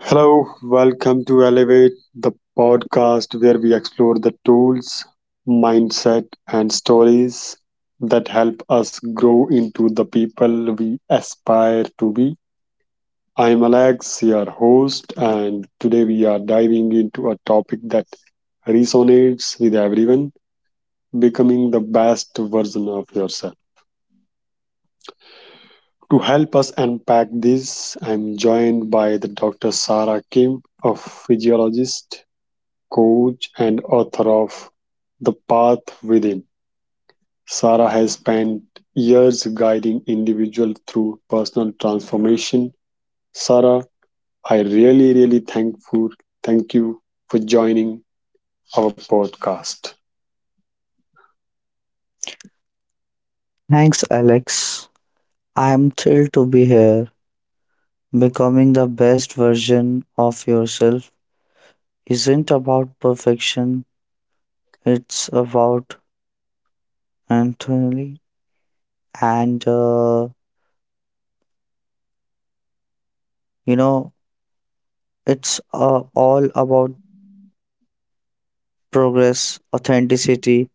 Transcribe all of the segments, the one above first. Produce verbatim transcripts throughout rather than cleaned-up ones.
Hello, welcome to Elevate, the podcast where we explore the tools, mindset, and stories that help us grow into the people we aspire to be. I'm Alex, your host, and today we are diving into a topic that resonates with everyone becoming the best version of yourself. To help us unpack this, I'm joined by the Doctor Sarah Kim, a physiologist coach and author of The Path Within. Sarah has spent years guiding individuals through personal transformation. Sarah, I really, really thankful. Thank you for joining our podcast. Thanks, Alex. I am thrilled to be here. Becoming the best version of yourself isn't about perfection, it's about Anthony. And, uh, you know, it's uh, all about progress, authenticity,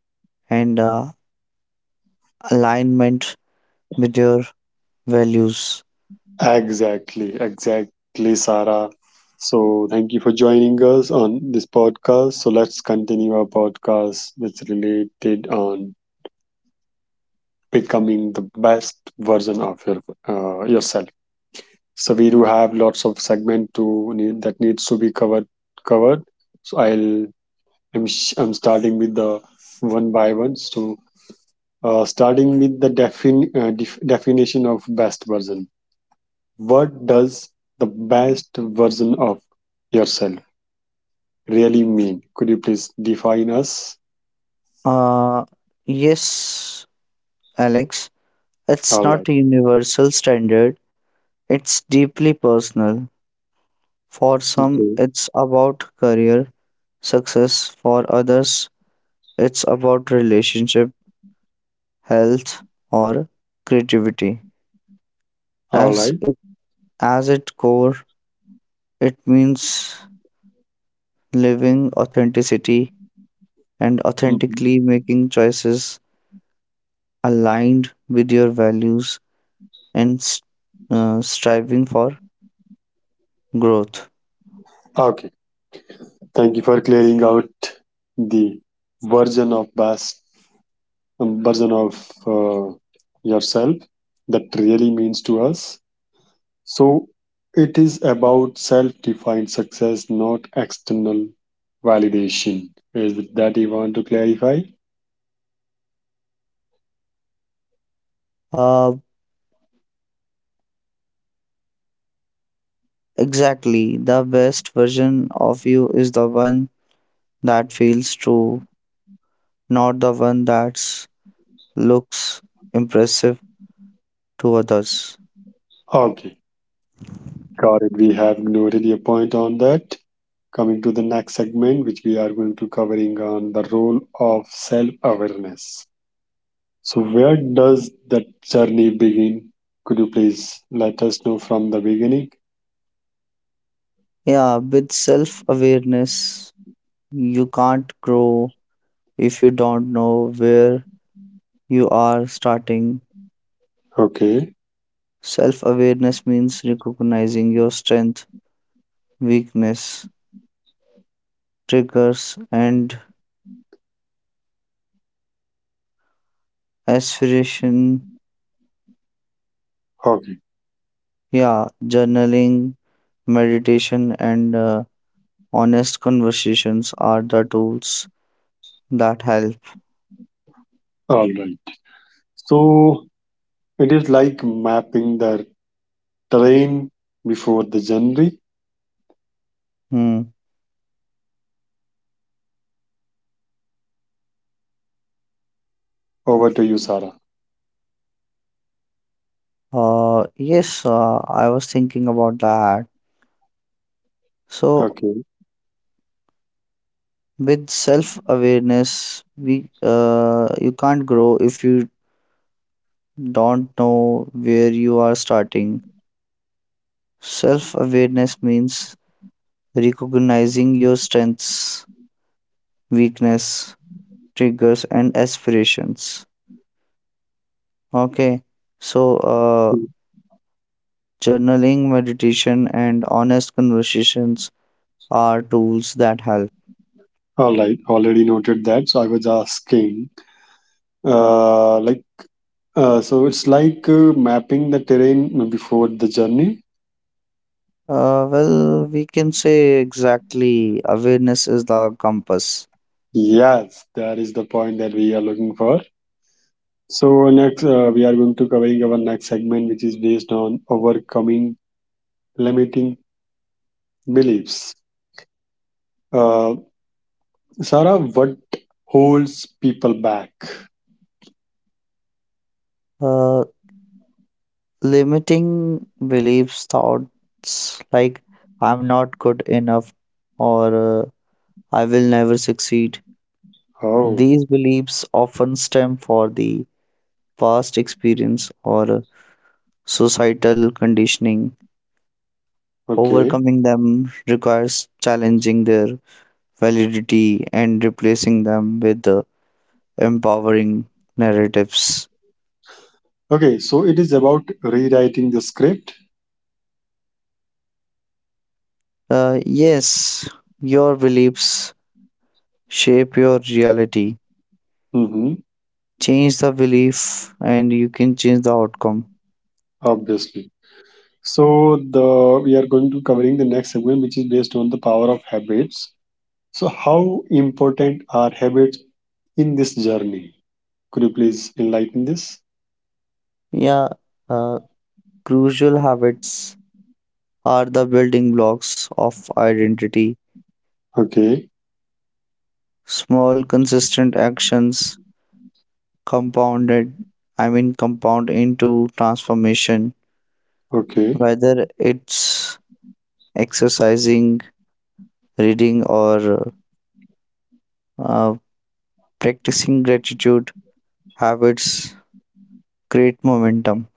and uh, alignment with your values. Exactly, exactly, Sarah. So, thank you for joining us on this podcast. So, let's continue our podcast that's related on becoming the best version of your uh, yourself. So, we do have lots of segment to need, that needs to be covered. Covered. So, I'll I'm sh- I'm starting with the one by one. So, uh, starting with the defin uh, def- definition of best version. What does the best version of yourself really mean? Could you please define us? Uh, yes, Alex, it's All right. not a universal standard, it's deeply personal. For some, Okay. it's about career success, for others, it's about relationship, health, or creativity. All As right. it, as its core, it means living authenticity and Mhm. authentically making choices aligned with your values, and s- uh, striving for growth. Okay. Thank you for clearing out the version of best um, version of uh, yourself that really means to us. So it is about self-defined success, not external validation. Is it that you want to clarify? Uh, exactly, the best version of you is the one that feels true, not the one that's looks impressive to others. Okay. Got it. We have noted your point on that. Coming to the next segment, which we are going to covering on the role of self-awareness. So where does that journey begin? Could you please let us know from the beginning? Yeah, with self awareness, you can't grow if you don't know where you are starting. Okay. Self awareness means recognizing your strength, weakness, triggers, and aspiration. Okay. Yeah, journaling, meditation, and uh, honest conversations are the tools that help. All right. So it is like mapping the terrain before the journey. Hmm. Over to you, Sarah. Uh, yes, uh, I was thinking about that. So Okay. with self-awareness, we uh, you can't grow if you don't know where you are starting. Self-awareness means recognizing your strengths, weakness, triggers, and aspirations. Okay, so uh, journaling, meditation, and honest conversations are tools that help. All right. Already noted that. So I was asking, uh, like Uh, so it's like uh, mapping the terrain before the journey. Uh, well, we can say exactly awareness is the compass. Yes, that is the point that we are looking for. So next, uh, we are going to covering our next segment, which is based on overcoming limiting beliefs. Uh, Sarah, what holds people back? Uh, Limiting beliefs, thoughts like I'm not good enough or uh, I will never succeed. Oh, These beliefs often stem from the past experience or uh, societal conditioning. okay, Overcoming them requires challenging their validity and replacing them with uh, empowering narratives. okay. So it is about rewriting the script. Uh, yes, your beliefs shape your reality, Mm-hmm, change the belief and you can change the outcome. obviously. So the we are going to covering the next segment, which is based on the power of habits. So, how important are habits in this journey? Could you please enlighten this? Yeah, uh, crucial habits are the building blocks of identity. Okay, Small, consistent actions compounded, I mean, compound into transformation, okay. whether it's exercising, reading, or uh, practicing gratitude. Habits create momentum.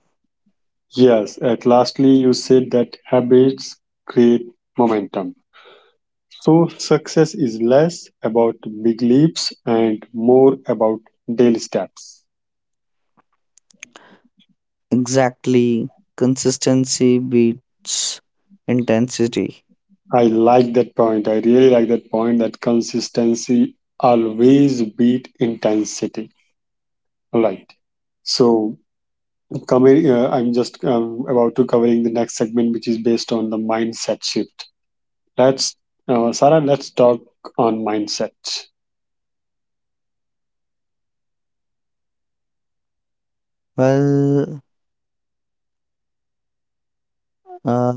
Yes, at lastly, you said that habits create momentum. So, success is less about big leaps and more about daily steps. Exactly, consistency beats intensity. I like that point. I really like that point that consistency always beat intensity. All right. So, Coming, uh, I'm just um, about to covering the next segment, which is based on the mindset shift. Let's, uh, Sarah, let's talk on mindset. Well, uh,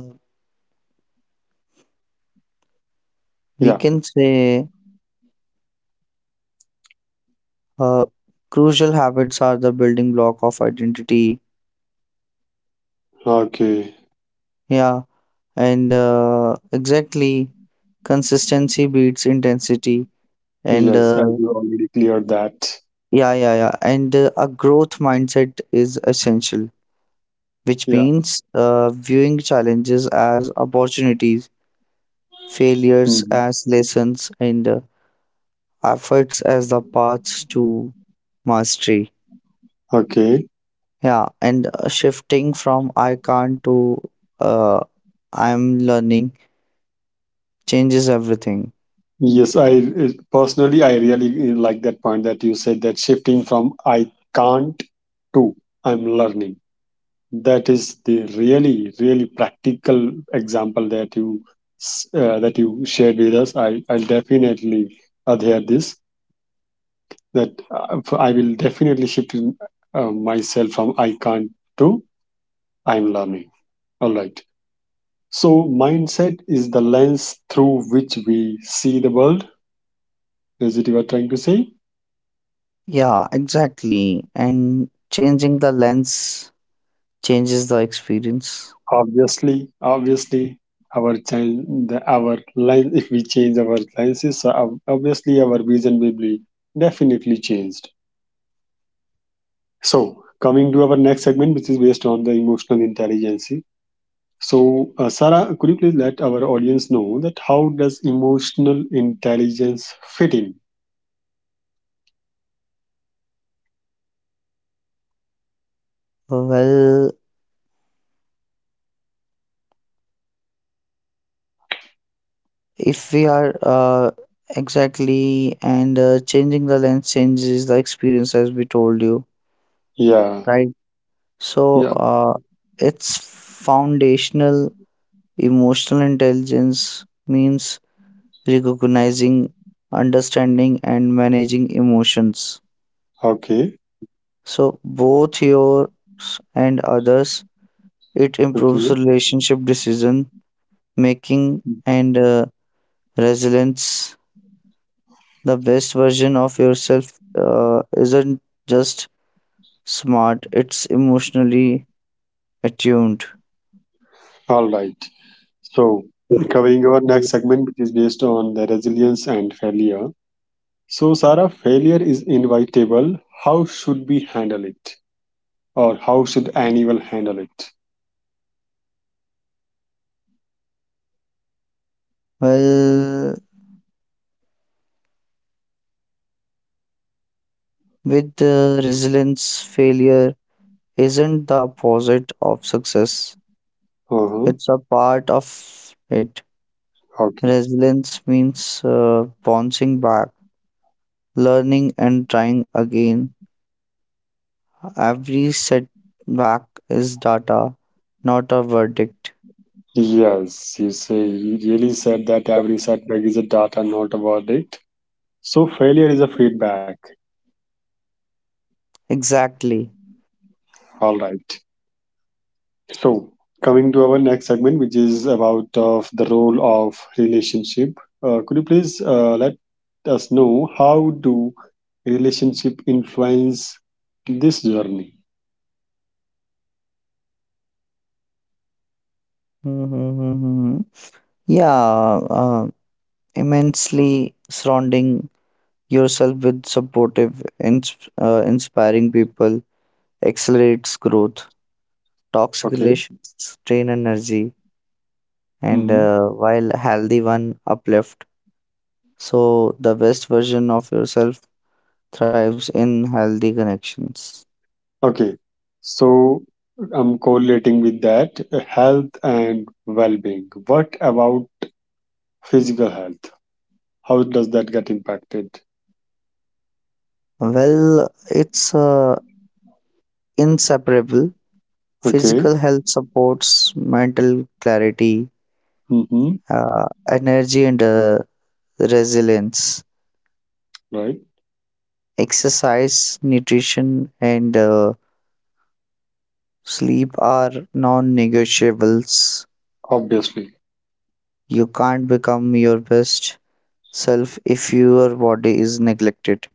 we Yeah. can say uh, crucial habits are the building block of identity. Okay. Yeah, and uh, Exactly, consistency beats intensity, and Yes, as uh, you already cleared that. yeah, yeah, yeah, and uh, a growth mindset is essential, which Yeah. means uh, viewing challenges as opportunities, failures Mhm. as lessons, and uh, efforts as the paths to mastery. Okay. Yeah, and uh, Shifting from I can't to uh, I'm learning changes everything. Yes, I it- personally I really uh, like that point that you said that shifting from I can't to I'm learning. That is the really really practical example that you s- uh, that you shared with us. I i'll definitely adhere this that uh, I will definitely shift in, uh, myself from I can't to I'm learning. All right. So mindset is the lens through which we see the world, is it you are trying to say? Yeah, exactly. And changing the lens changes the experience. Obviously, obviously our change the, our line if we change our lenses, so ob- obviously our vision will be definitely changed. So coming to our next segment, which is based on the emotional intelligence. So uh, Sarah, could you please let our audience know that how does emotional intelligence fit in? Well, if we are uh, exactly, and uh, changing the lens changes the experience, as we told you, Yeah. right? So Yeah. uh, it's foundational. Emotional intelligence means recognizing, understanding, and managing emotions. Okay. So, both yours and others, it improves Okay. relationship decision making and uh, resilience. The best version of yourself uh, isn't just smart, it's emotionally attuned. All right. So covering our next segment, which is based on the resilience and failure. So, Sarah, failure is inevitable. How should we handle it? Or how should anyone handle it? Well, with the resilience, failure isn't the opposite of success, Uh-huh. it's a part of it. Okay. Resilience means uh, bouncing back, learning, and trying again. Every setback is data, not a verdict. Yes, you say you really said that every setback is a data, not a verdict. So failure is a feedback. Exactly. All right. So coming to our next segment, which is about of the role of relationship. Uh, could you please uh, let us know how do relationship influence this journey? Mm-hmm. Yeah, uh, immensely surrounding yourself with supportive, ins- uh, inspiring people accelerates growth. Toxic Okay. relations drain energy, and Mm-hmm. uh, while healthy one uplift. So the best version of yourself thrives in healthy connections? Okay, so I'm correlating with that uh, health and well being. What about physical health? How does that get impacted? Well, it's uh, inseparable. Okay, Physical health supports mental clarity, mm-hmm. uh, energy, and uh, resilience. Right, Exercise, nutrition, and uh, sleep are non negotiables. obviously. You can't become your best self if your body is neglected.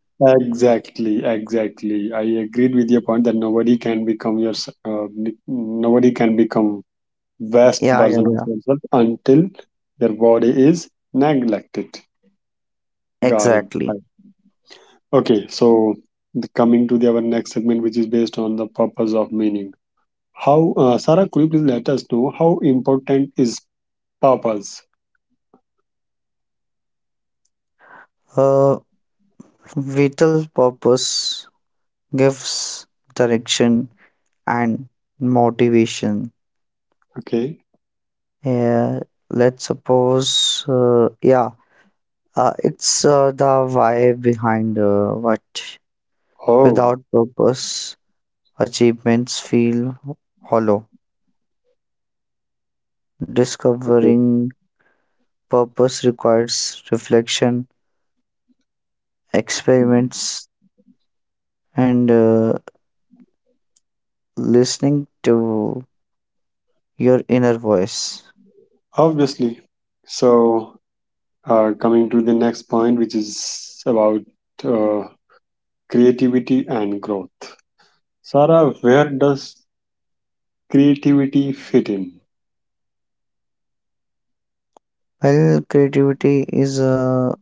Exactly, exactly. I agreed with your point that nobody can become your s- uh, n- nobody can become best Yeah, yeah, version of yeah. yourself until their body is neglected. Got it. Exactly. Okay, so the, coming to the, our next segment, which is based on the purpose of meaning. How, uh, Sarah, could you please let us know how important is purpose? Uh, Vital purpose gives direction and motivation. Okay. Yeah, let's suppose, uh, yeah, uh, it's uh, the why behind uh, what. Oh, Without purpose, achievements feel hollow. okay. Discovering purpose requires reflection, Mhm. experiments, and uh, listening to your inner voice. Obviously. So, uh, coming to the next point, which is about uh, creativity and growth. Sarah, where does creativity fit in? Well, creativity is a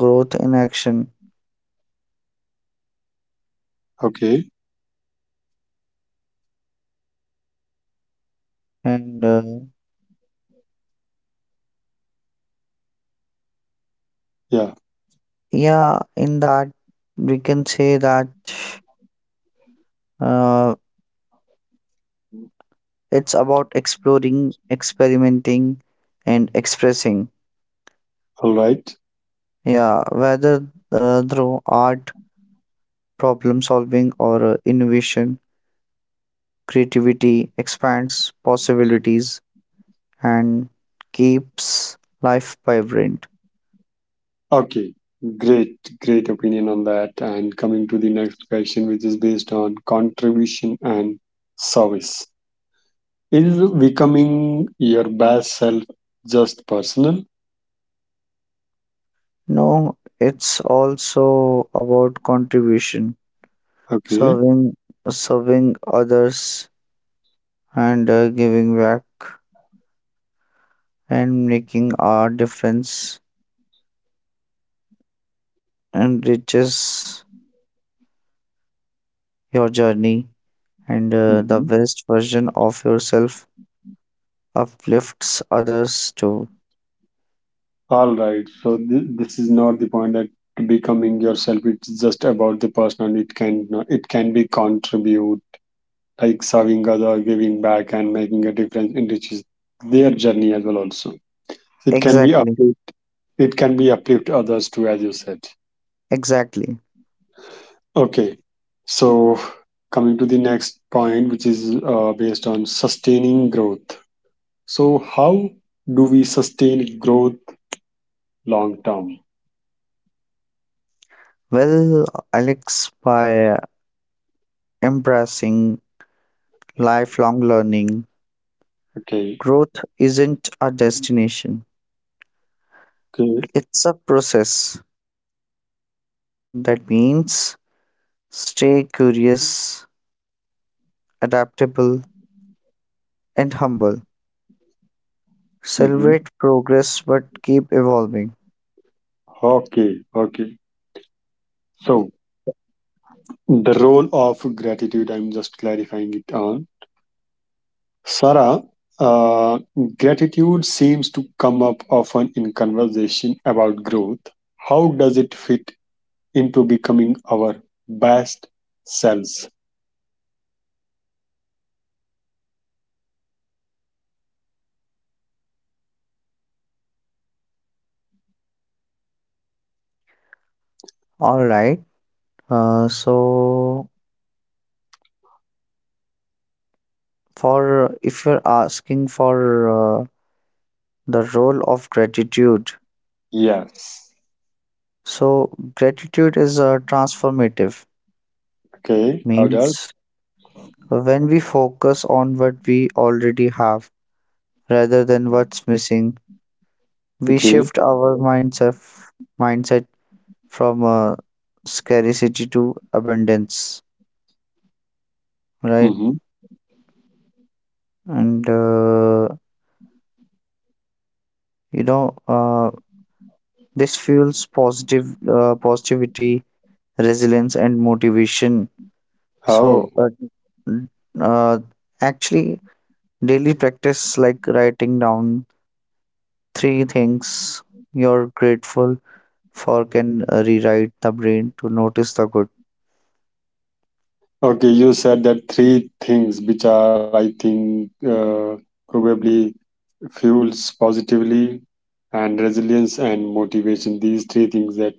growth in action, Okay. and uh, Yeah. Yeah, in that we can say that uh, it's about exploring, experimenting, and expressing. All right. Yeah, whether uh, through art, problem solving, or uh, innovation, creativity expands possibilities and keeps life vibrant. Okay, great, great opinion on that. And coming to the next question, which is based on contribution and service. Is becoming your best self just personal? No, it's also about contribution, Okay. serving, serving others, and uh, giving back, and making a difference enriches your journey, and uh, the Mhm. best version of yourself uplifts others too. All right. So th- this is not the point that becoming yourself. It's just about the personal. It can it can be contribute like serving other, giving back, and making a difference in which is their journey as well. Also, it can be up, Exactly, it can be uplift others too as you said. exactly. Okay. So coming to the next point, which is uh, based on sustaining growth. So how do we sustain growth long term? Well, Alex, by embracing lifelong learning, Okay. growth isn't a destination, Okay. it's a process. That means stay curious, adaptable, and humble. Hmm. Celebrate progress but keep evolving. Okay, okay. So the role of gratitude, I'm just clarifying it on. Sarah, uh, gratitude seems to come up often in conversation about growth. How does it fit into becoming our best selves? All right. Uh, so, for if you're asking for uh, the role of gratitude, Yes. so gratitude is uh, transformative, Okay. How does? means when we focus on what we already have rather than what's missing, we Okay. shift our mindset mindset from uh, scarcity to abundance, right? Mm-hmm. And uh, you know, uh, this fuels positive uh, positivity, resilience and motivation. So, How? uh, uh, actually, Daily practice like writing down three things you're grateful for can uh, rewrite the brain to notice the good. Okay. You said that three things which are, I think, uh, probably fuels positively and resilience and motivation. These three things that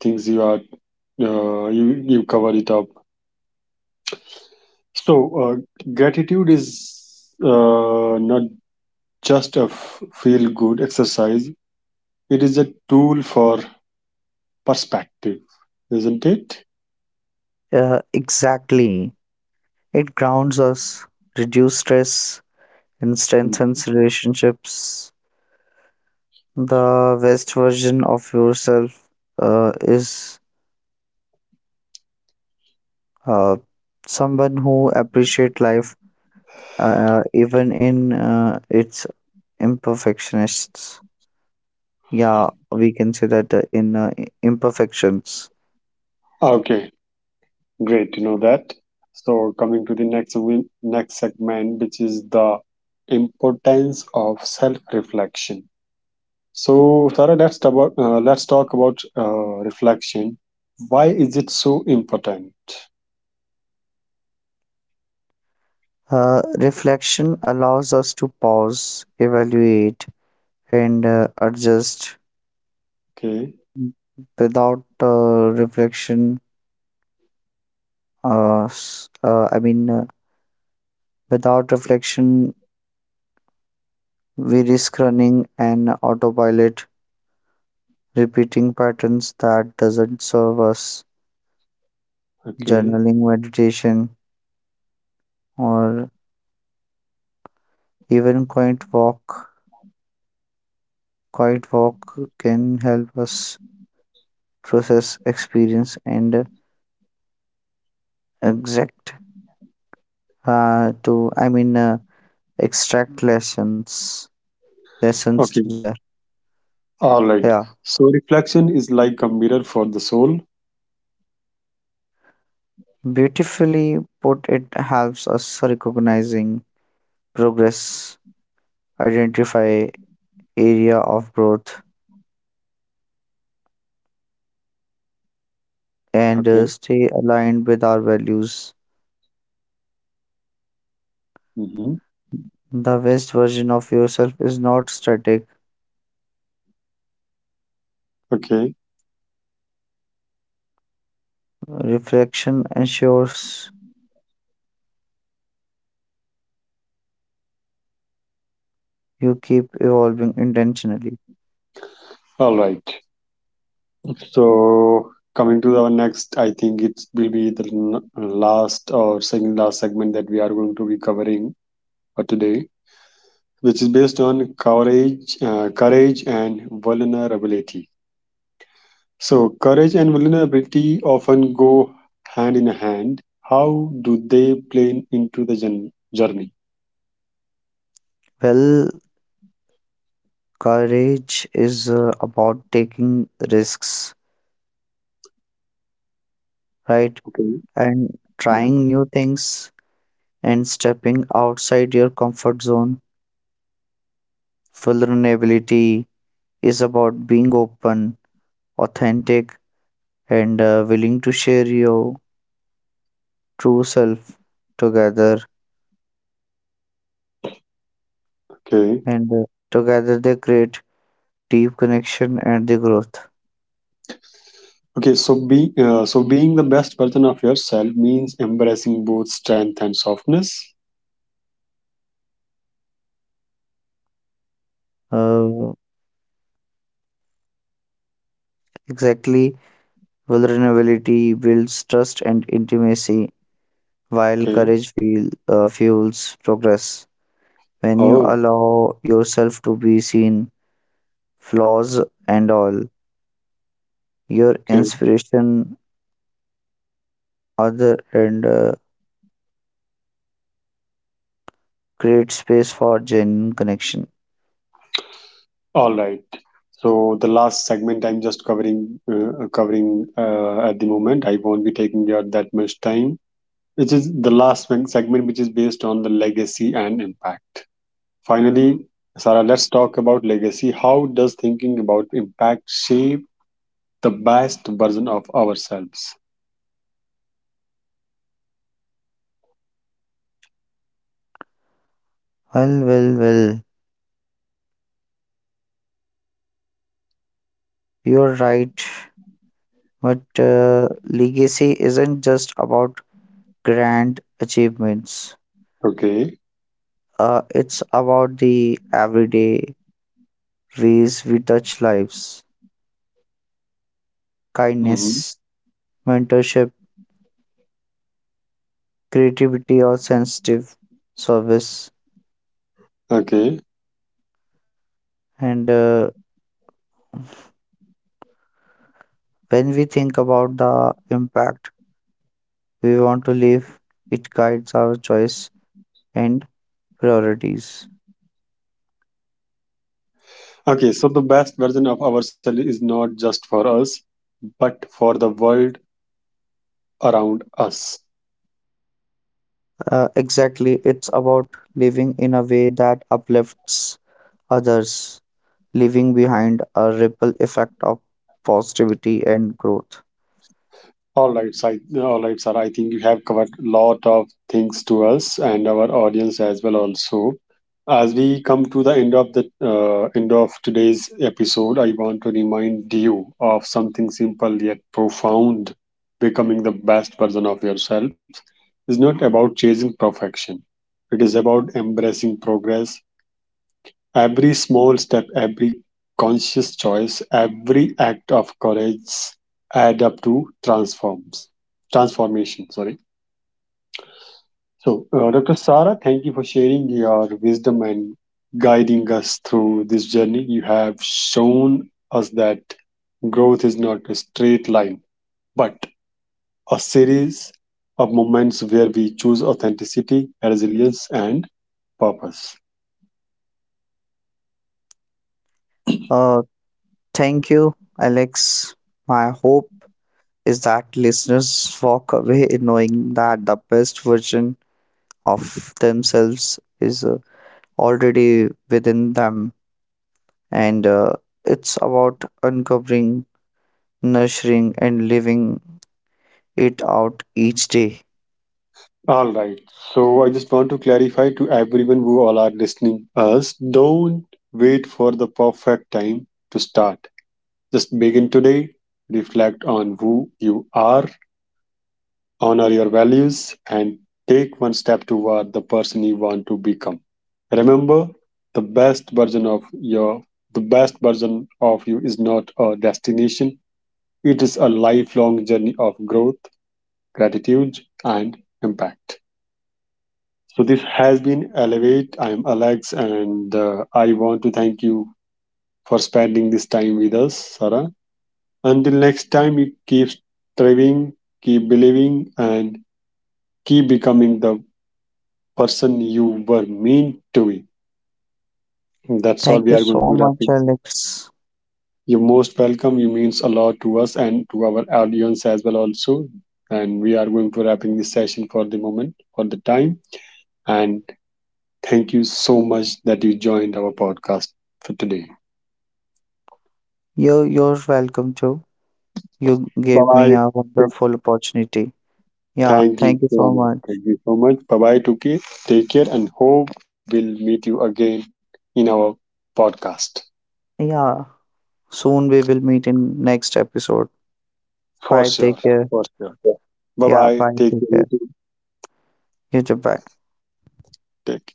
things you are uh, you you cover it up. So uh, gratitude is uh, not just a f- feel good exercise. It is a tool for perspective, isn't it? Uh, exactly. It grounds us, reduce stress, and Mhm. strengthens relationships. The best version of yourself uh, is uh, someone who appreciates life uh, even in uh, its imperfectionists. Yeah, we can say that uh, in uh, i- imperfections. Okay, great to know that. So coming to the next win- next segment, which is the importance of self-reflection. So Sarah, let's talk, uh, let's talk about uh, reflection. Why is it so important? Uh, reflection allows us to pause, evaluate, and uh, adjust. Okay, Without uh, reflection, uh, s- uh, I mean, uh, Without reflection, we risk running an autopilot, repeating patterns that doesn't serve us. okay, Journaling, meditation, or even quiet walk quiet walk can help us process experience and exact uh, to I mean uh, extract lessons lessons okay. there. All Yeah, right. So reflection is like a mirror for the soul. beautifully put. It helps us recognizing progress, identify area of growth, and uh, Okay. stay aligned with our values. Mm-hmm. The best version of yourself is not static. Okay. Reflection ensures you keep evolving intentionally. All right. So coming to our next, I think it will be the n- last or second last segment that we are going to be covering for today, which is based on courage, uh, courage and vulnerability. So courage and vulnerability often go hand in hand. How do they play into the jour- journey? Well, courage is uh, about taking risks, right, Okay. and Yeah. trying new things and stepping outside your comfort zone. Vulnerability is about being open, authentic, and uh, willing to share your true self together, Okay. and uh, together they create deep connection and the growth. Okay. So be uh, so being the best version of yourself means embracing both strength and softness. uh, exactly, vulnerability builds trust and intimacy while Okay. courage feel, uh, fuels progress. When you Oh. allow yourself to be seen, flaws and all, your Okay. inspiration other and uh, create space for genuine connection. All right. So the last segment I'm just covering uh, uh, covering uh, at the moment. I won't be taking your that much time. Which is the last one- segment, which is based on the legacy and impact. Finally, Sarah, let's talk about legacy. How does thinking about impact shape the best version of ourselves? Well, well, well, you're right. But uh, legacy isn't just about grand achievements. Okay. Uh, it's about the everyday ways we touch lives, Hmm. kindness, mentorship, creativity or sensitive service, Okay. and uh, when we think about the impact we want to leave, it guides our choice and priorities. Okay. So the best version of ourselves is not just for us, but for the world around us. Uh, exactly, it's about living in a way that uplifts others, leaving behind a ripple effect of positivity and growth. All right, sir. All right, sir. I think you have covered a lot of things to us and our audience as well. Also, as we come to the end of the uh, end of today's episode, I want to remind you of something simple yet profound. Becoming the best version of yourself is not about chasing perfection. It is about embracing progress. Every small step, every conscious choice, every act of courage add up to transforms transformation. Sorry. So, uh, Doctor Sara, thank you for sharing your wisdom and guiding us through this journey. You have shown us that growth is not a straight line, but a series of moments where we choose authenticity, resilience, and purpose. Uh, Thank you, Alex. My hope is that listeners walk away knowing that the best version of themselves is uh, already within them, and uh, it's about uncovering, nurturing, and living it out each day. All right. So I just want to clarify to everyone who all are listening us, don't wait for the perfect time to start. Just begin today, reflect on who you are, honor your values, and take one step toward the person you want to become. Remember, the best version of your the best version of you is not a destination. It is a lifelong journey of growth, gratitude, and impact. So this has been Elevate. I'm Alex, and uh, I want to thank you for spending this time with us, Sarah. Until next time, you keep striving, keep believing, and keep becoming the person you were meant to be. That's all, Thank you we are going so to wrap much, it. Alex. You're most welcome. You means a lot to us and to our audience as well, also. And we are going to wrapping this session for the moment, for the time. And thank you so much that you joined our podcast for today. You're, you're welcome too. You Bye gave me bye. a wonderful opportunity. Yeah, Thank you thank you so so much. much. Thank you so much. Bye bye, Tuki. Take care and hope we'll meet you again in our podcast. Yeah, soon we will meet in next episode. For Bye, take sure. care. For sure. Bye Yeah, bye. bye, Take care. take You care. too. You too, bye. Take